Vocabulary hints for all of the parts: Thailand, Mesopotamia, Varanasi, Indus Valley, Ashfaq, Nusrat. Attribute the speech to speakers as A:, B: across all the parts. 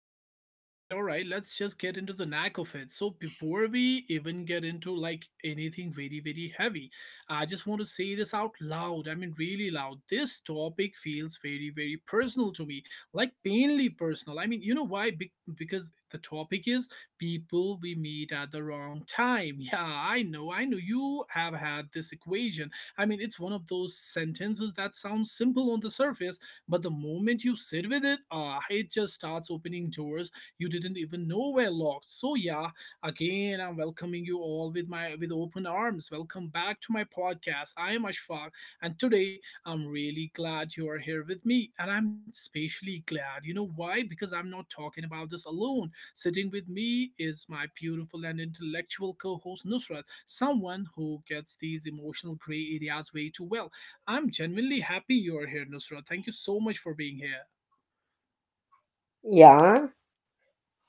A: I mean, all right, all right. Let's just get into the knack of it. So before we even get into like anything very, very heavy, I just want to say this out loud. I mean, really loud. This topic feels very, very personal to me, like painfully personal. I mean, you know why? Because the topic is people we meet at the wrong time. Yeah, I know, I know. You have had this equation. I mean, it's one of those sentences that sounds simple on the surface, but the moment you sit with it, it just starts opening doors you didn't even know were locked. So yeah, again, I'm welcoming you all with my with open arms. Welcome back to my podcast. I am Ashfaq, and today I'm really glad you are here with me, and I'm especially glad. You know why? Because I'm not talking about this alone. Sitting with me is my beautiful and intellectual co-host Nusrat, someone who gets these emotional gray areas way too well. I'm genuinely happy you are here, Nusra. Thank you so much for being here.
B: Yeah,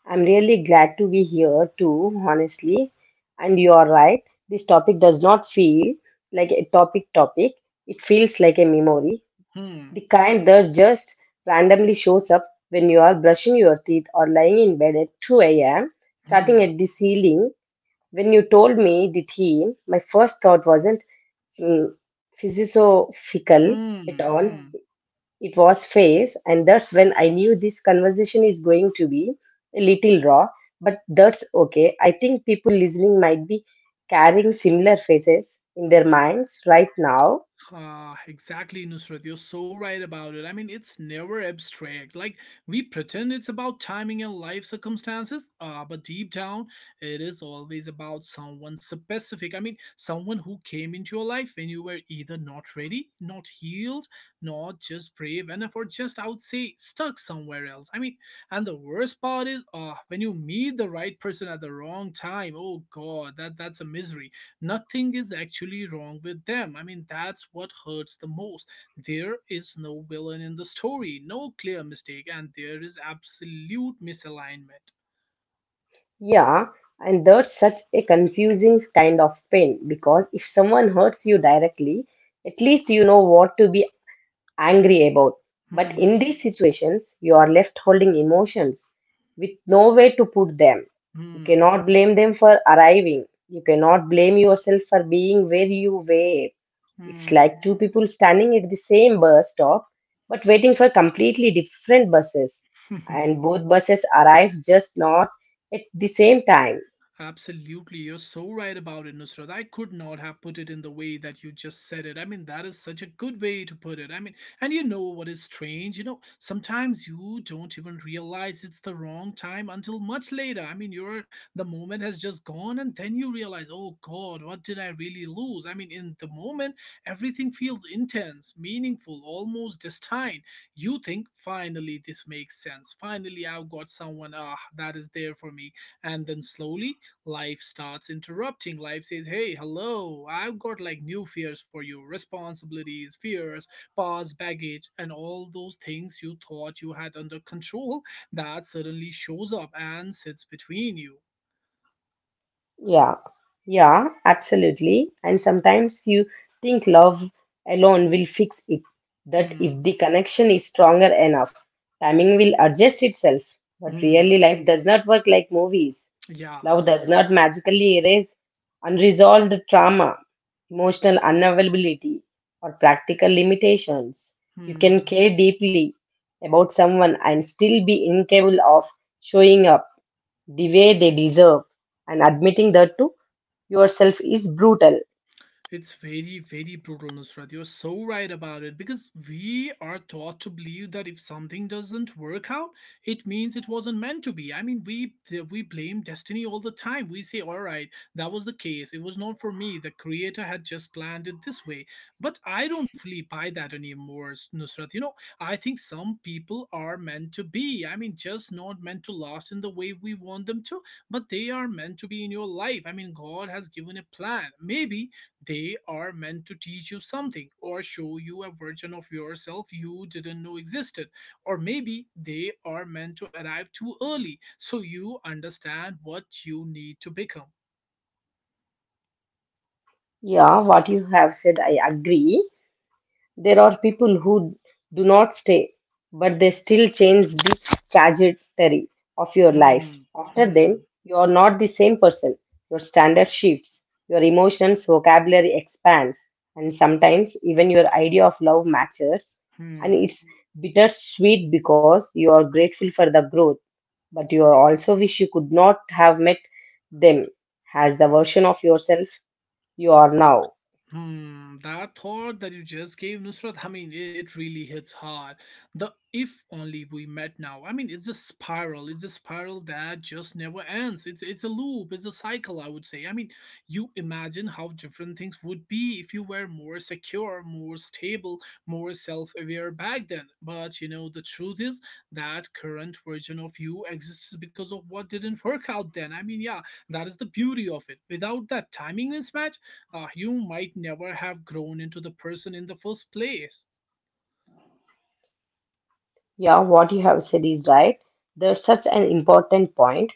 B: I'm really glad to be here too, honestly. And you are right, this topic does not feel like a topic topic. It feels like a memory,
A: Hmm,
B: the kind that just randomly shows up when you are brushing your teeth or lying in bed at 2 a.m. Starting
A: hmm,
B: at the ceiling, when you told me the theme, my first thought wasn't mm, physiophical at
A: hmm,
B: all.
A: hmm.
B: It was phase, and that's when I knew this conversation is going to be a little raw, but that's okay. I think people listening might be carrying similar phases in their minds right now.
A: Ah, exactly, Nusrat. You're so right about it. I mean, it's never abstract. Like, we pretend it's about timing and life circumstances, but deep down, it is always about someone specific. I mean, someone who came into your life when you were either not ready, not healed, not just brave enough, or just, I would say, stuck somewhere else. I mean, and the worst part is when you meet the right person at the wrong time, oh God, that's a misery. Nothing is actually wrong with them. I mean, that's what hurts the most. There is no villain in the story, no clear mistake, and there is absolute misalignment.
B: Yeah, and that's such a confusing kind of pain because if someone hurts you directly, at least you know what to be angry about. But in
A: Hmm,
B: these situations, you are left holding emotions with no way to put them. You
A: hmm,
B: cannot blame them for arriving. You cannot blame yourself for being where you were. It's
A: hmm.
B: like two people standing at the same bus stop but waiting for completely different buses. And both buses arrive, just not at the same time.
A: Absolutely, you're so right about it, Nusrat. I could not have put it in the way that you just said it. I mean, that is such a good way to put it. I mean, and you know what is strange? You know, sometimes you don't even realize it's the wrong time until much later. I mean, you're the moment has just gone, and then you realize, oh God, what did I really lose? I mean, in the moment, everything feels intense, meaningful, almost destined. You think, finally, this makes sense. Finally, I've got someone, that is there for me. And then slowly, life starts interrupting. Life says, "Hey, hello, I've got like new fears for you, responsibilities, fears, past baggage, and all those things you thought you had under control that suddenly shows up and sits between you."
B: Yeah, yeah, absolutely. And sometimes you think love alone will fix it, that
A: Hmm.
B: if the connection is stronger enough, timing will adjust itself. But really,
A: Hmm.
B: life does not work like movies.
A: Yeah.
B: Love does not magically erase unresolved trauma, emotional unavailability, or practical limitations. You can
A: Hmm.
B: care deeply about someone and still be incapable of showing up the way they deserve, and admitting that too yourself is brutal.
A: It's very, very brutal, Nusrat. You're so right about it because we are taught to believe that if something doesn't work out, it means it wasn't meant to be. I mean, we blame destiny all the time. We say, "All right, that was the case. It was not for me. The creator had just planned it this way." But I don't fully buy that anymore, Nusrat. You know, I think some people are meant to be. I mean, just not meant to last in the way we want them to, but they are meant to be in your life. I mean, God has given a plan. Maybe they are meant to teach you something or show you a version of yourself you didn't know existed. Or maybe they are meant to arrive too early so you understand what you need to become.
B: Yeah, what you have said, I agree. There are people who do not stay, but they still change the trajectory of your life.
A: Hmm,
B: After them,
A: hmm,
B: you are not the same person. Your standard shifts, your emotions, vocabulary expands, and sometimes even your idea of love matches. And
A: hmm.
B: it's bittersweet because you are grateful for the growth, but you are also wish you could not have met them as the version of yourself you are now.
A: Hmm, that thought that you just gave, Nusrat, I mean, it really hits hard. The if only we met now. I mean, it's a spiral. It's a spiral that just never ends. It's a loop. It's a cycle, I would say. I mean, you imagine how different things would be if you were more secure, more stable, more self-aware back then. But you know, the truth is that current version of you exists because of what didn't work out then. I mean, yeah, that is the beauty of it. Without that timing mismatch, you might never have grown into the person in the first place.
B: Yeah, what you have said is right. There's such an important point.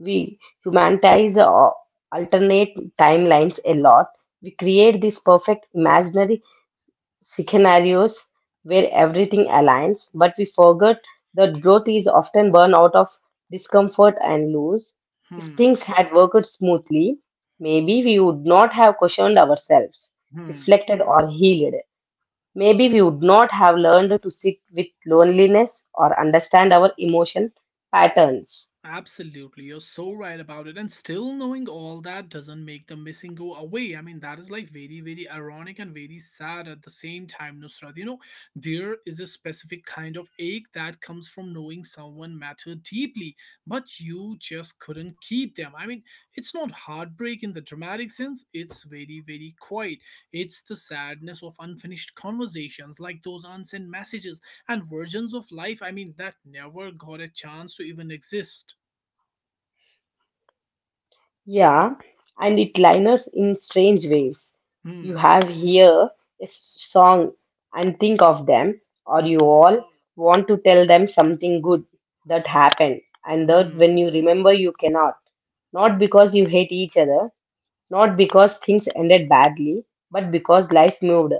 B: We humanize alternate timelines a lot. We create these perfect imaginary scenarios where everything aligns, but we forget that growth is often born out of discomfort and lose. If
A: Hmm.
B: things had worked smoothly, maybe we would not have questioned ourselves,
A: Hmm.
B: reflected, or healed. Maybe we would not have learned to sit with loneliness or understand our emotion patterns.
A: Absolutely, you're so right about it. And still knowing all that doesn't make the missing go away. I mean, that is like very, very ironic and very sad at the same time, Nusrat. You know, there is a specific kind of ache that comes from knowing someone mattered deeply, but you just couldn't keep them. I mean, it's not heartbreak in the dramatic sense, it's very, very quiet. It's the sadness of unfinished conversations, like those unsent messages and versions of life, I mean, that never got a chance to even exist.
B: Yeah, and it liners in strange ways. You
A: Hmm,
B: have here a song and think of them, or you
A: hmm,
B: all want to tell them something good that happened, and that
A: hmm,
B: when you remember, you cannot. Not because you hate each other, not because things ended badly, but because life moved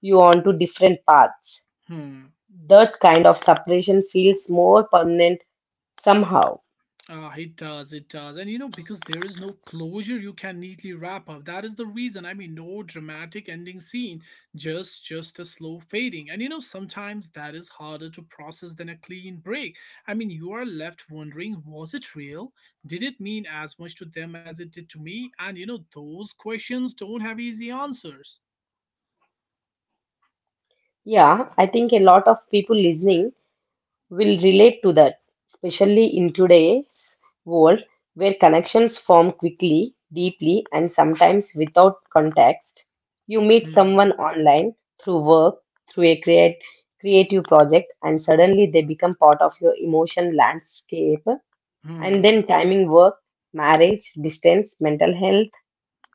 B: you on to different paths.
A: hmm.
B: That kind of separation feels more permanent somehow.
A: Ah, it does, it does. And you know, because there is no closure you can neatly wrap up. That is the reason. I mean, no dramatic ending scene, just a slow fading. And you know, sometimes that is harder to process than a clean break. I mean, you are left wondering, was it real? Did it mean as much to them as it did to me? And you know, those questions don't have easy answers.
B: Yeah, I think a lot of people listening will relate to that, especially in today's world where connections form quickly, deeply, and sometimes without context. You meet
A: Hmm,
B: someone online, through work, through creative project, and suddenly they become part of your emotion landscape. And
A: hmm.
B: then timing work, marriage, distance, mental health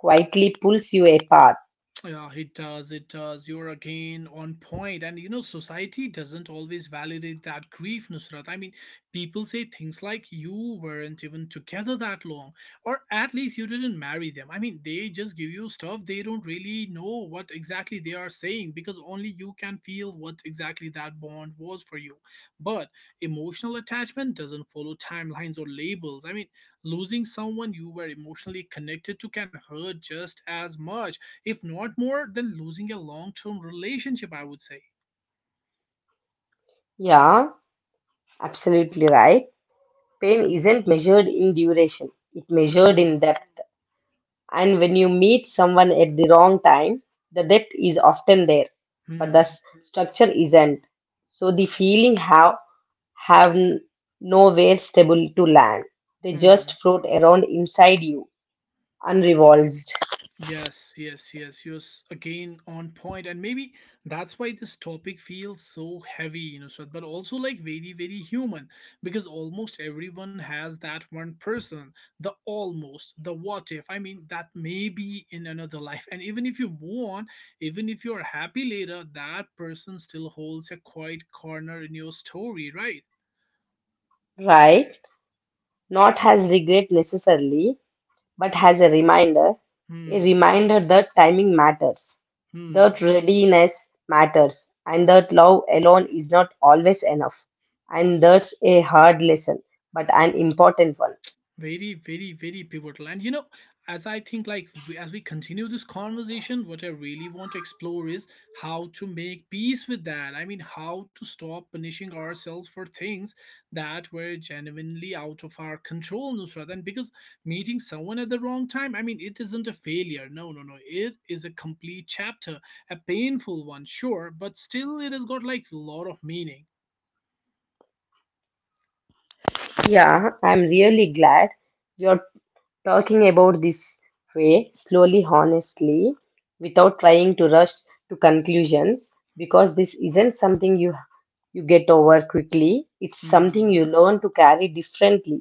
B: quietly pulls you apart.
A: Yeah, it does. It does. You're again on point. And you know, society doesn't always validate that grief, Nusrat. I mean, people say things like, "You weren't even together that long," or, "At least you didn't marry them." I mean, they just give you stuff. They don't really know what exactly they are saying, because only you can feel what exactly that bond was for you. But emotional attachment doesn't follow timelines or labels. I mean, losing someone you were emotionally connected to can hurt just as much, if not more, then losing a long term relationship, I would say.
B: Yeah, absolutely right. Pain isn't measured in duration, it's measured in
A: Hmm.
B: depth. And when you meet someone at the wrong time, the depth is often there, but the
A: Hmm.
B: structure isn't. So the feeling have n- nowhere stable to land. They just
A: Hmm.
B: float around inside you, unresolved.
A: Yes, yes, yes. You're again on point, and maybe that's why this topic feels so heavy, you know, Shraddha, but also like very, very human, because almost everyone has that one person, the almost, the what if. I mean, that may be in another life, and even if you move on, even if you're happy later, that person still holds a quiet corner in your story, right?
B: Right? Not as regret necessarily, but as a
A: Hmm.
B: reminder that timing matters, that
A: Hmm.
B: readiness matters, and that love alone is not always enough, and that's a hard lesson but an important one.
A: Very, very, very pivotal. And you know, as I think, like, as we continue this conversation, what I really want to explore is how to make peace with that. I mean, how to stop punishing ourselves for things that were genuinely out of our control, Nusrat. And because meeting someone at the wrong time, I mean, it isn't a failure. No, no, no. It is a complete chapter, a painful one, sure, but still, it has got like a lot of meaning.
B: Yeah, I'm really glad you're talking about this way slowly, honestly, without trying to rush to conclusions, because this isn't something you get over quickly. It's something you
A: Hmm.
B: learn to carry differently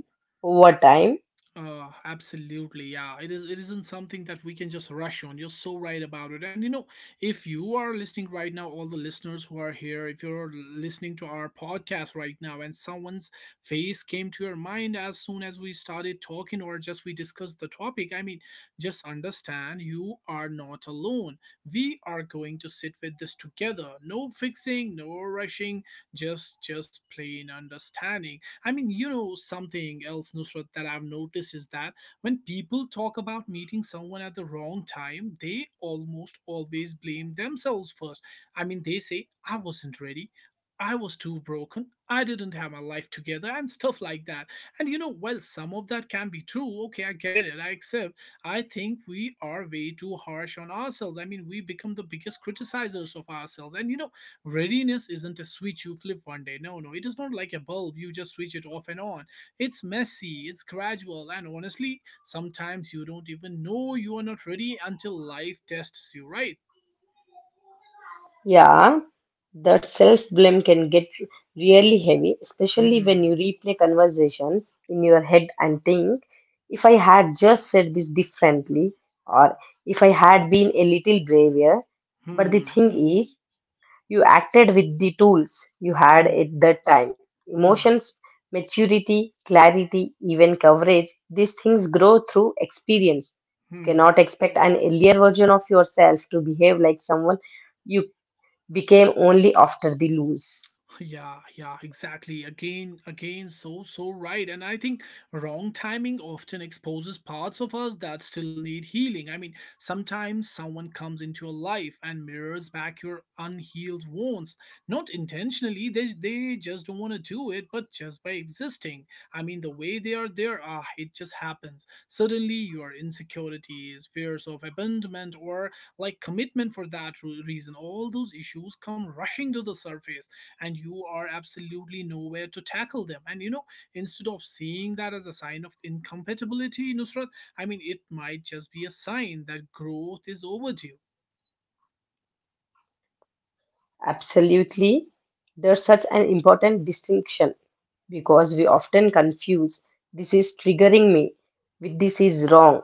B: over time.
A: Absolutely, yeah. It is. It isn't something that we can just rush on. You're so right about it. And you know, if you are listening right now, all the listeners who are here, if you're listening to our podcast right now, and someone's face came to your mind as soon as we started talking, or just we discussed the topic, I mean, just understand you are not alone. We are going to sit with this together. No fixing, no rushing. Just plain understanding. I mean, you know, something else, Nusrat, that I've noticed is that when people talk about meeting someone at the wrong time, they almost always blame themselves first. I mean, they say, "I wasn't ready. I was too broken. I didn't have my life together," and stuff like that. And you know, well, some of that can be true. Okay, I get it. I accept. I think we are way too harsh on ourselves. I mean, we become the biggest criticizers of ourselves. And you know, readiness isn't a switch you flip one day. No, no, it is not like a bulb you just switch it off and on. It's messy, it's gradual, and honestly, sometimes you don't even know you are not ready until life tests you, right?
B: Yeah, the self-blame can get really heavy, especially when
A: Hmm,
B: you replay conversations in your head and think, if I had just said this differently, or if I had been a little braver. But the
A: hmm,
B: thing is, you acted with the tools you had
A: hmm,
B: at that time.
A: hmm,
B: Emotions, maturity, clarity, even coverage, these things grow through experience. You
A: hmm.
B: cannot expect an earlier version of yourself to behave like someone you became only after the lose.
A: Yeah, yeah, exactly. Again, again, so, so right. And I think wrong timing often exposes parts of us that still need healing. I mean, sometimes someone comes into your life and mirrors back your unhealed wounds. Not intentionally, they just don't want to do it, but just by existing. I mean, the way they are there, it just happens. Suddenly, your insecurities, fears of abandonment, or like commitment for that reason, all those issues come rushing to the surface and you are absolutely nowhere to tackle them. And you know, instead of seeing that as a sign of incompatibility, Nusrat, I mean, it might just be a sign that growth is overdue.
B: Absolutely. There's such an important distinction because we often confuse this is triggering me with this is wrong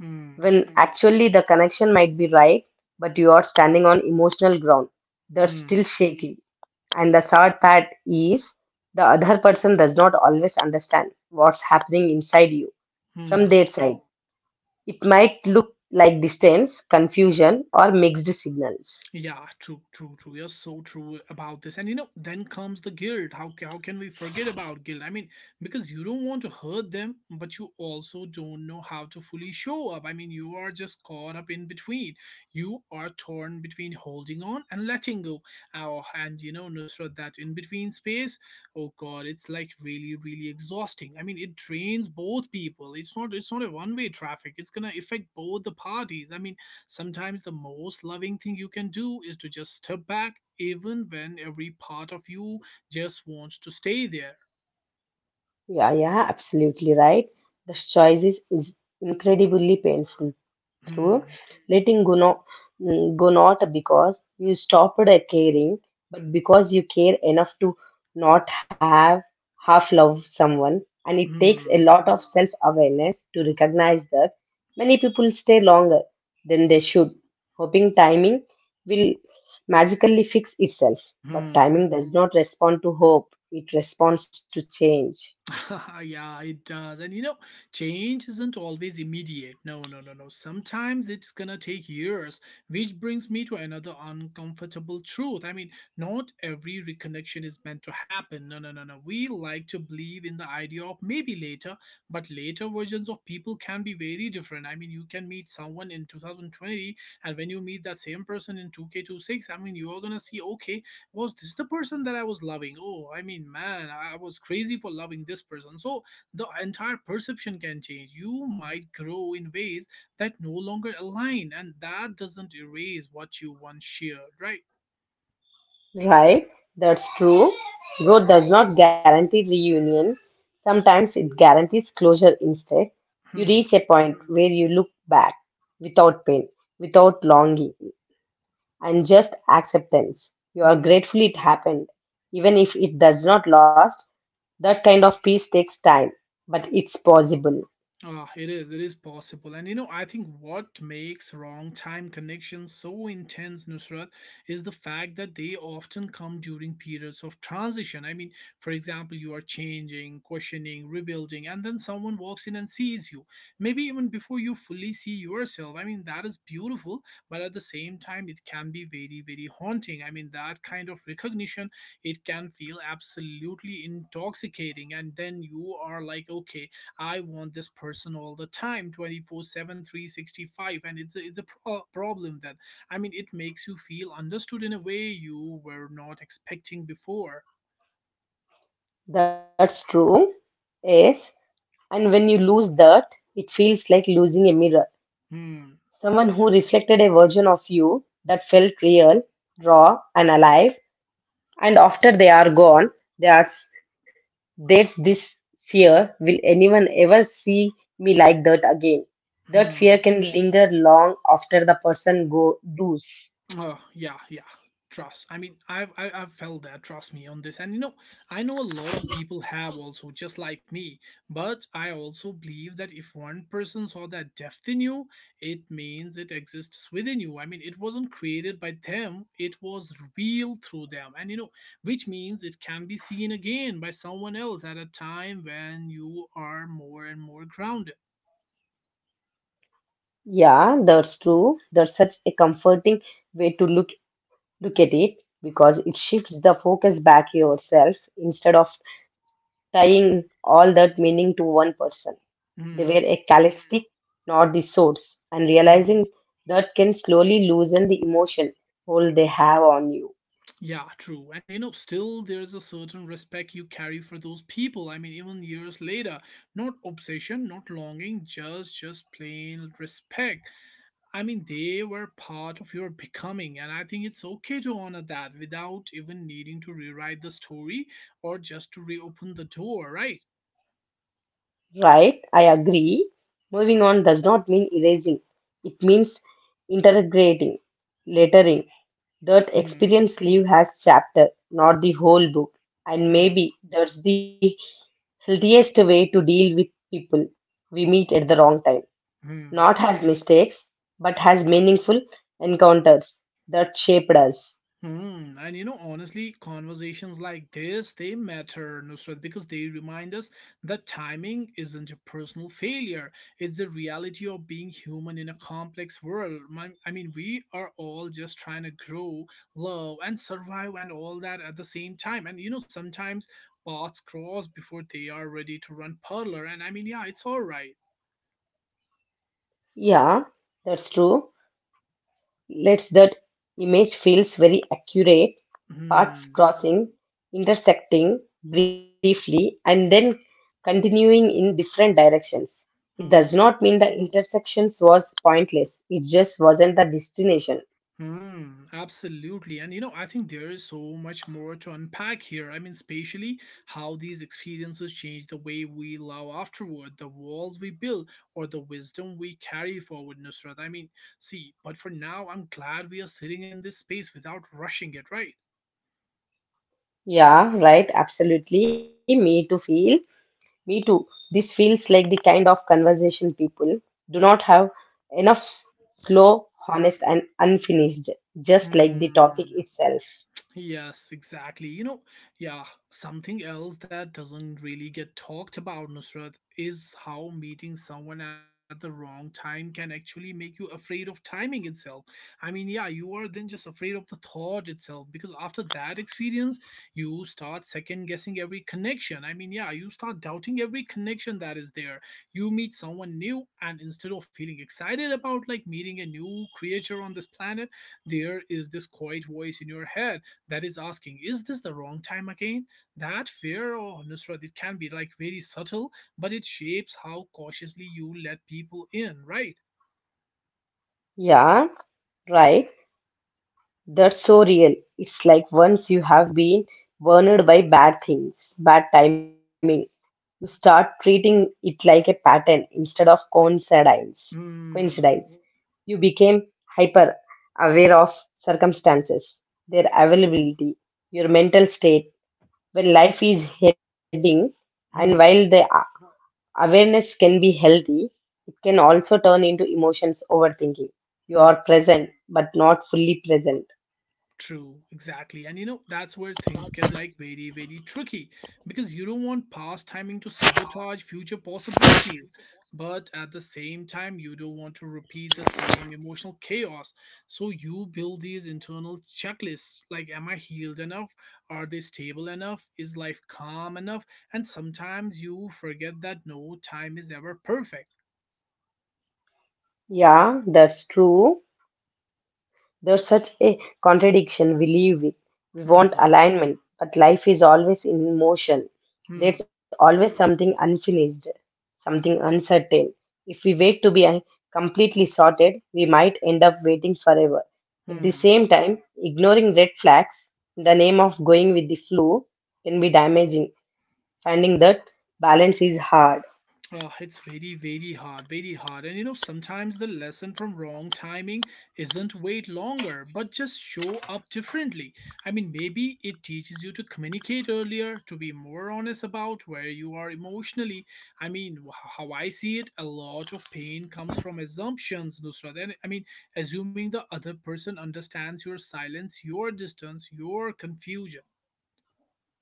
A: Hmm,
B: when actually the connection might be right, but you are standing on emotional ground they
A: hmm,
B: still shaky. And the sad part is the other person does not always understand what's happening inside you from
A: hmm.
B: their side. It might look like distance, confusion, or mixed signals.
A: Yeah, true, true, true. You're so true about this. And you know, then comes the guilt. How can we forget about guilt? I mean, because you don't want to hurt them, but you also don't know how to fully show up. I mean, you are just caught up in between. You are torn between holding on and letting go. Oh, and you know, Nusrat, that in between space, oh God, it's like really, really exhausting. I mean, it drains both people. It's not a one-way traffic. It's gonna affect both the parties. I mean, sometimes the most loving thing you can do is to just step back, even when every part of you just wants to stay there.
B: Yeah, yeah, absolutely right. The choice is incredibly painful. Through
A: Hmm,
B: letting go, go not because you stopped caring, but because you care enough to not have half love someone. And it takes a
A: hmm,
B: lot of self awareness to recognize that many people stay longer than they should, hoping timing will magically fix itself. But
A: hmm.
B: timing does not respond to hope, it responds to change.
A: Yeah, it does. And you know, change isn't always immediate. No, no, no, no. Sometimes it's gonna take years, which brings me to another uncomfortable truth. I mean, not every reconnection is meant to happen. No, no, no, no. We like to believe in the idea of maybe later, but later versions of people can be very different. I mean, you can meet someone in 2020, and when you meet that same person in 2K26, I mean, you're gonna see, okay, was this the person that I was loving? Oh, I mean, man, I was crazy for loving this person. So the entire perception can change. You might grow in ways that no longer align, and that doesn't erase what you once shared, right?
B: Right, that's true. Growth does not guarantee reunion. Sometimes it guarantees closure instead. You
A: Hmm.
B: reach a point where you look back without pain, without longing, and just acceptance. You are
A: Hmm.
B: grateful it happened. Even if it does not last, that kind of peace takes time, but it's possible.
A: Ah, it is. It is possible. And you know, I think what makes wrong time connections so intense, Nusrat, is the fact that they often come during periods of transition. I mean, for example, you are changing, questioning, rebuilding, and then someone walks in and sees you. Maybe even before you fully see yourself. I mean, that is beautiful, but at the same time, it can be very, very haunting. I mean, that kind of recognition, it can feel absolutely intoxicating. And then you are like, okay, I want this person all the time 24/7, 365, and it's a problem that I mean it makes you feel understood in a way you were not expecting before.
B: That's true. Yes, and when you lose that, it feels like losing a mirror.
A: Hmm.
B: Someone who reflected a version of you that felt real, raw, and alive. And after they are gone, there's, there's this fear, will anyone ever see me like that again? That fear
A: Hmm.
B: can linger long after the person go does.
A: Oh yeah, yeah. Trust. I mean, I've felt that. Trust me on this. And you know, I know a lot of people have also, just like me. But I also believe that if one person saw that depth in you, it means it exists within you. I mean, it wasn't created by them; it was revealed through them. And you know, which means it can be seen again by someone else at a time when you are more and more grounded.
B: Yeah, that's true. That's such a comforting way to look at it, because it shifts the focus back yourself instead of tying all that meaning to one person. They were a
A: Hmm.
B: calisthenic, not the source, and realizing
A: Hmm.
B: that can slowly loosen the emotion hold they have on you.
A: Yeah, true. And you know, still there's a certain respect you carry for those people. I mean, even years later, not obsession, not longing, just plain respect. I mean, they were part of your becoming, and I think it's okay to honor that without even needing to rewrite the story or just to reopen the door, right?
B: Right? I agree. Moving on does not mean erasing, it means integrating, lettering. That
A: Hmm.
B: experience leave has chapter, not the whole book. And
A: Hmm.
B: maybe that's the healthiest way to deal with people we meet at the wrong time.
A: Hmm.
B: Not has mistakes, but has meaningful encounters that shaped us.
A: Hmm. And you know, honestly, conversations like this, they matter, Nusrat, because they remind us that timing isn't a personal failure. It's the reality of being human in a complex world. My, I mean, we are all just trying to grow, love, and survive and all that at the same time. And you know, sometimes paths cross before they are ready to run parlor. And I mean, yeah, it's all right.
B: Yeah, that's true. Let's that image feels very accurate, paths
A: Hmm.
B: crossing, intersecting briefly, and then continuing in different directions. It does not
A: Hmm.
B: mean the intersections was pointless. It just wasn't the destination.
A: Hmm, absolutely. And you know, I think there is so much more to unpack here. I mean, especially how these experiences change the way we love afterward, the walls we build, or the wisdom we carry forward, Nusrat. I mean, see, but for now, I'm glad we are sitting in this space without rushing it, right?
B: Yeah, right, absolutely. Me too. This feels like the kind of conversation people do not have enough, slow, honest, and unfinished, just like the topic
A: Hmm.
B: itself.
A: Yes, exactly. You know, yeah, something else that doesn't really get talked about, Nusrat, is how meeting someone at the wrong time can actually make you afraid of timing itself. I mean, yeah, you are then just afraid of the thought itself because after that experience, you start second guessing every connection. I mean, yeah, you start doubting every connection that is there. You meet someone new, and instead of feeling excited about like meeting a new creature on this planet, there is this quiet voice in your head that is asking, is this the wrong time again? That fear or Nusrat, it can be like very subtle, but it shapes how cautiously you let people in, right?
B: Yeah, right. That's so real. It's like once you have been burned by bad things, bad timing, you start treating it like a pattern instead of coincidence.
A: Hmm.
B: You became hyper aware of circumstances, their availability, your mental state where life is heading. And while the
A: Hmm.
B: awareness can be healthy, it can also turn into emotions overthinking. You
A: Hmm.
B: are present, but not fully present.
A: True, exactly. And you know, that's where things get like very, very tricky because you don't want past timing to sabotage future possibilities. But at the same time, you don't want to repeat the same emotional chaos. So you build these internal checklists like, am I healed enough? Are they stable enough? Is life calm enough? And sometimes you forget that no time is ever perfect.
B: Yeah, that's true. There's such a contradiction we live with. We want
A: Hmm,
B: alignment, but life is always in motion.
A: hmm,
B: There's always something unfinished, something uncertain. If we wait to be completely sorted, we might end up waiting forever. At the
A: hmm.
B: same time, ignoring red flags in the name of going with the flow can be damaging. Finding that balance is hard.
A: Oh, it's very, very hard, very hard. And you know, sometimes the lesson from wrong timing isn't wait longer, but just show up differently. I mean, maybe it teaches you to communicate earlier, to be more honest about where you are emotionally. I mean, how I see it, a lot of pain comes from assumptions, Nusrat. And I mean, assuming the other person understands your silence, your distance, your confusion.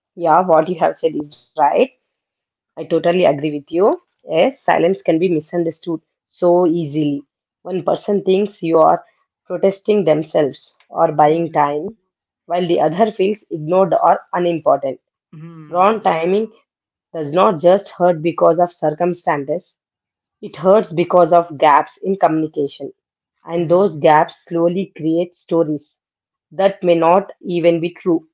B: Yeah, what you have said is right. I totally agree with you. Yes, silence can be misunderstood so easily. One person thinks you are protesting themselves or buying
A: Hmm.
B: time, while the other feels ignored or unimportant.
A: Hmm.
B: Wrong timing does not just hurt because of circumstances, it hurts because of gaps in communication. And those
A: Hmm.
B: gaps slowly create stories that may not even be true.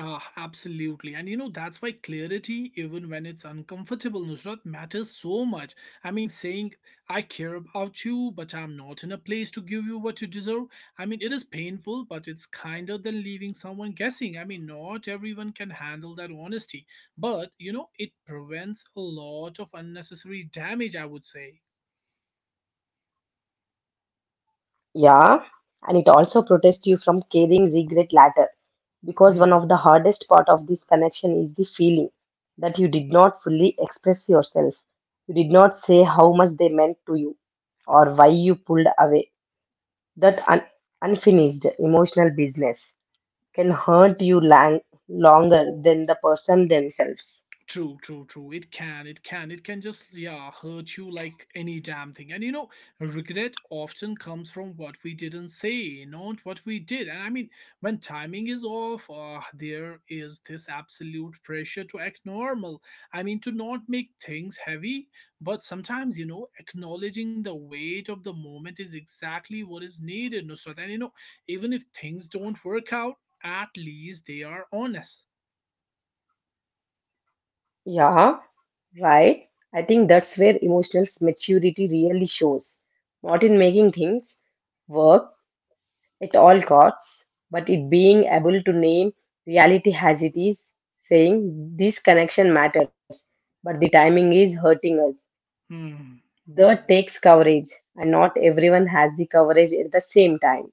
A: Ah, absolutely. And you know, that's why clarity, even when it's uncomfortable, Nusrat, matters so much. I mean, saying, I care about you, but I'm not in a place to give you what you deserve. I mean, it is painful, but it's kinder than leaving someone guessing. I mean, not everyone can handle that honesty. But, you know, it prevents a lot of unnecessary damage, I would say.
B: Yeah, and it also protects you from carrying regret later, because one of the hardest
A: Hmm.
B: part of this connection is the feeling that you did not fully express yourself, you did not say how much they meant to you or why you pulled away. That unfinished emotional business can hurt you longer than the person themselves.
A: True, true, true. It can just, yeah, hurt you like any damn thing. And you know, regret often comes from what we didn't say, not what we did. And I mean, when timing is off, there is this absolute pressure to act normal. I mean, to not make things heavy. But sometimes, you know, acknowledging the weight of the moment is exactly what is needed, Nusrat. And you know, even if things don't work out, at least they are honest.
B: Yeah, right. I think that's where emotional maturity really shows, not in making things work at all costs, but it being able to name reality as it is, saying this connection matters, but the timing is hurting us.
A: Hmm.
B: That takes coverage, and not everyone has the coverage at the same time.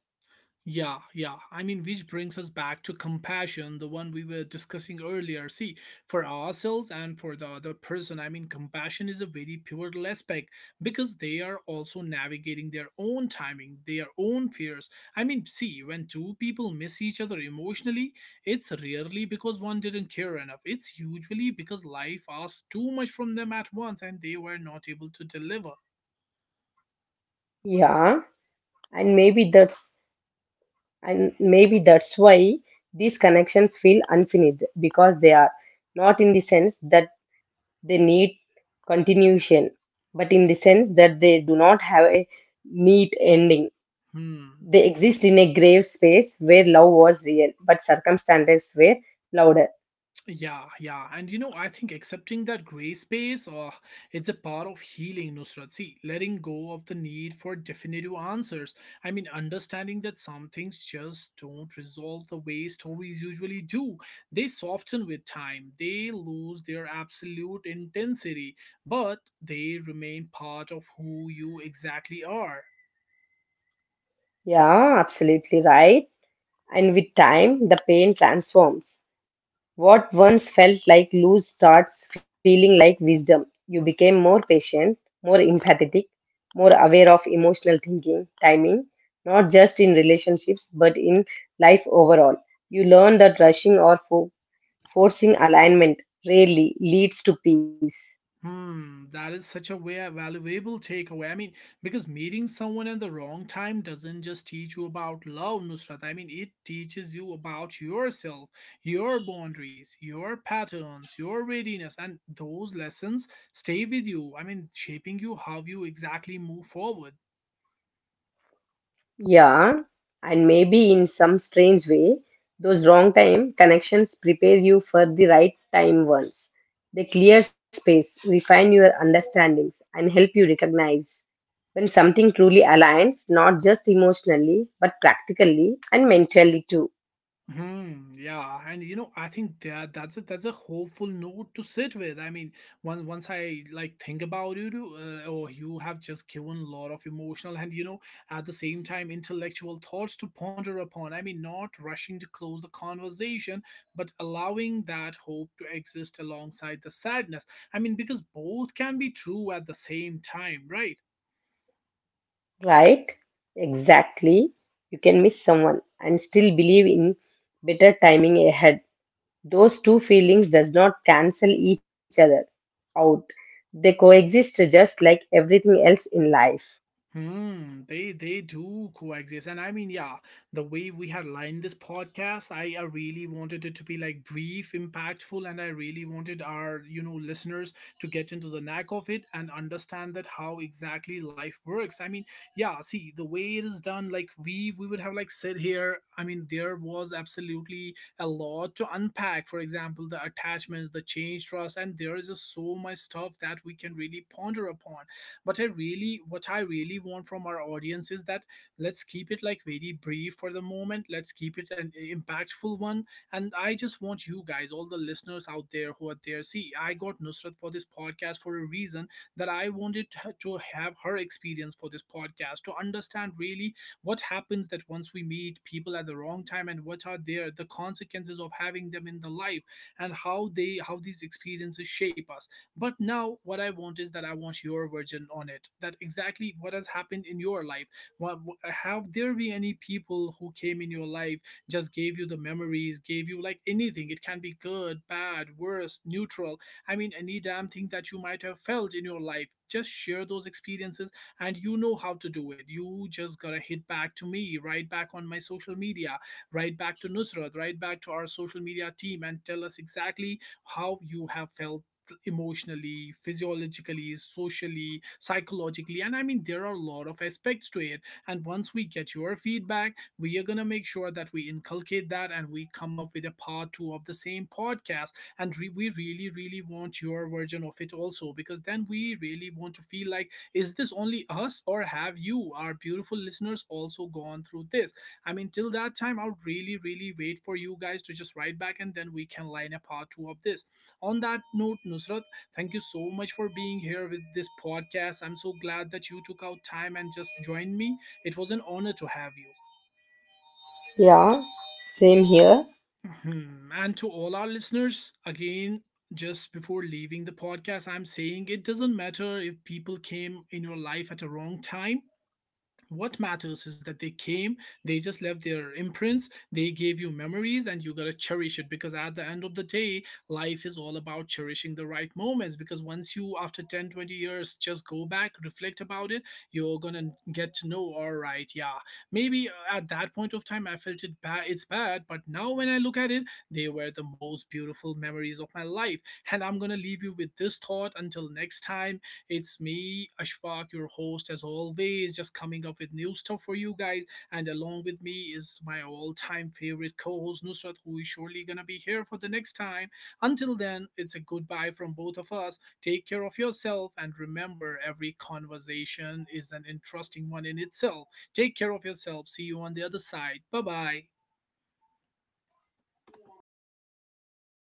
A: Yeah, yeah. I mean, which brings us back to compassion, the one we were discussing earlier. See, for ourselves and for the other person, I mean, compassion is a very pivotal aspect because they are also navigating their own timing, their own fears. I mean, see, when two people miss each other emotionally, it's rarely because one didn't care enough. It's usually because life asked too much from them at once and they were not able to deliver.
B: Yeah, and maybe that's and maybe that's why these connections feel unfinished, because they are, not in the sense that they need continuation, but in the sense that they do not have a neat ending.
A: Hmm.
B: They exist in a grave space where love was real, but circumstances were louder.
A: Yeah, yeah. And you know, I think accepting that gray space, oh, it's a part of healing, Nusrat. See, letting go of the need for definitive answers. I mean, understanding that some things just don't resolve the way stories usually do. They soften with time, they lose their absolute intensity, but they remain part of who you exactly are.
B: Yeah, absolutely right. And with time, the pain transforms. What once felt like lose starts feeling like wisdom. You became more patient, more empathetic, more aware of emotional thinking, timing, not just in relationships, but in life overall. You learn that rushing or forcing alignment rarely leads to peace.
A: Hmm, that is such a valuable takeaway. I mean, because meeting someone at the wrong time doesn't just teach you about love, Nusrat. I mean, it teaches you about yourself, your boundaries, your patterns, your readiness, and those lessons stay with you. I mean, shaping you how you exactly move forward.
B: Yeah, and maybe in some strange way, those wrong time connections prepare you for the right time ones. They clear space, refine your understandings, and help you recognize when something truly aligns, not just emotionally, but practically and mentally too.
A: Hmm. Yeah, and you know, I think that that's a hopeful note to sit with. I mean, once I like think about you, do, or you have just given a lot of emotional and you know at the same time intellectual thoughts to ponder upon. I mean, not rushing to close the conversation, but allowing that hope to exist alongside the sadness. I mean, because both can be true at the same time, right?
B: Right? Exactly. You can miss someone and still believe in better timing ahead. Those two feelings does not cancel each other out. They coexist just like everything else in life.
A: Hmm, they do coexist. And I mean, yeah, the way we had lined this podcast, I really wanted it to be like brief, impactful, and I really wanted our, you know, listeners to get into the knack of it and understand that how exactly life works. I mean, yeah, see, the way it is done, like we would have like sit here. I mean, there was absolutely a lot to unpack. For example, the attachments, the change trust, and there is just so much stuff that we can really ponder upon, but I really, what I really want from our audience is that let's keep it like very brief for the moment. Let's keep it an impactful one, and I just want you guys, all the listeners out there who are there. See, I got Nusrat for this podcast for a reason, that I wanted her to have her experience for this podcast to understand really what happens that once we meet people at the wrong time, and what are there the consequences of having them in the life, and how these experiences shape us. But now, what I want is that I want your version on it. That exactly what has happened in your life. What, have there been any people who came in your life, just gave you the memories, gave you like anything? It can be good, bad, worse, neutral. I mean, any damn thing that you might have felt in your life. Just share those experiences, and you know how to do it. You just gotta hit back to me, right back on my social media, right back to Nusrat, right back to our social media team, and tell us exactly how you have felt emotionally, physiologically, socially, psychologically, and I mean there are a lot of aspects to it. And once we get your feedback, we are going to make sure that we inculcate that and we come up with a part two of the same podcast. And we really really want your version of it also, because then we really want to feel like, is this only us, or have you, our beautiful listeners, also gone through this? I mean, till that time, I would really really wait for you guys to just write back, and then we can line a part two of this. On that note, Nusrat, thank you so much for being here with this podcast. I'm so glad that you took out time and just joined me. It was an honor to have you.
B: Yeah, same here.
A: Mhm. And to all our listeners, again, just before leaving the podcast, I'm saying it doesn't matter if people came in your life at a wrong time. What matters is that they came, they just left their imprints, they gave you memories, and you got to cherish it, because at the end of the day, life is all about cherishing the right moments. Because once you, after 10, 20 years, just go back, reflect about it, you're going to get to know, all right, yeah, maybe at that point of time I felt it bad, it's bad, but now when I look at it, they were the most beautiful memories of my life. And I'm going to leave you with this thought. Until next time, it's me, Ashfaq, your host, as always, just coming up with new stuff for you guys. And along with me is my all time favorite co host, Nusrat, who is surely gonna be here for the next time. Until then, it's a goodbye from both of us. Take care of yourself, and remember every conversation is an interesting one in itself. Take care of yourself. See you on the other side. Bye bye.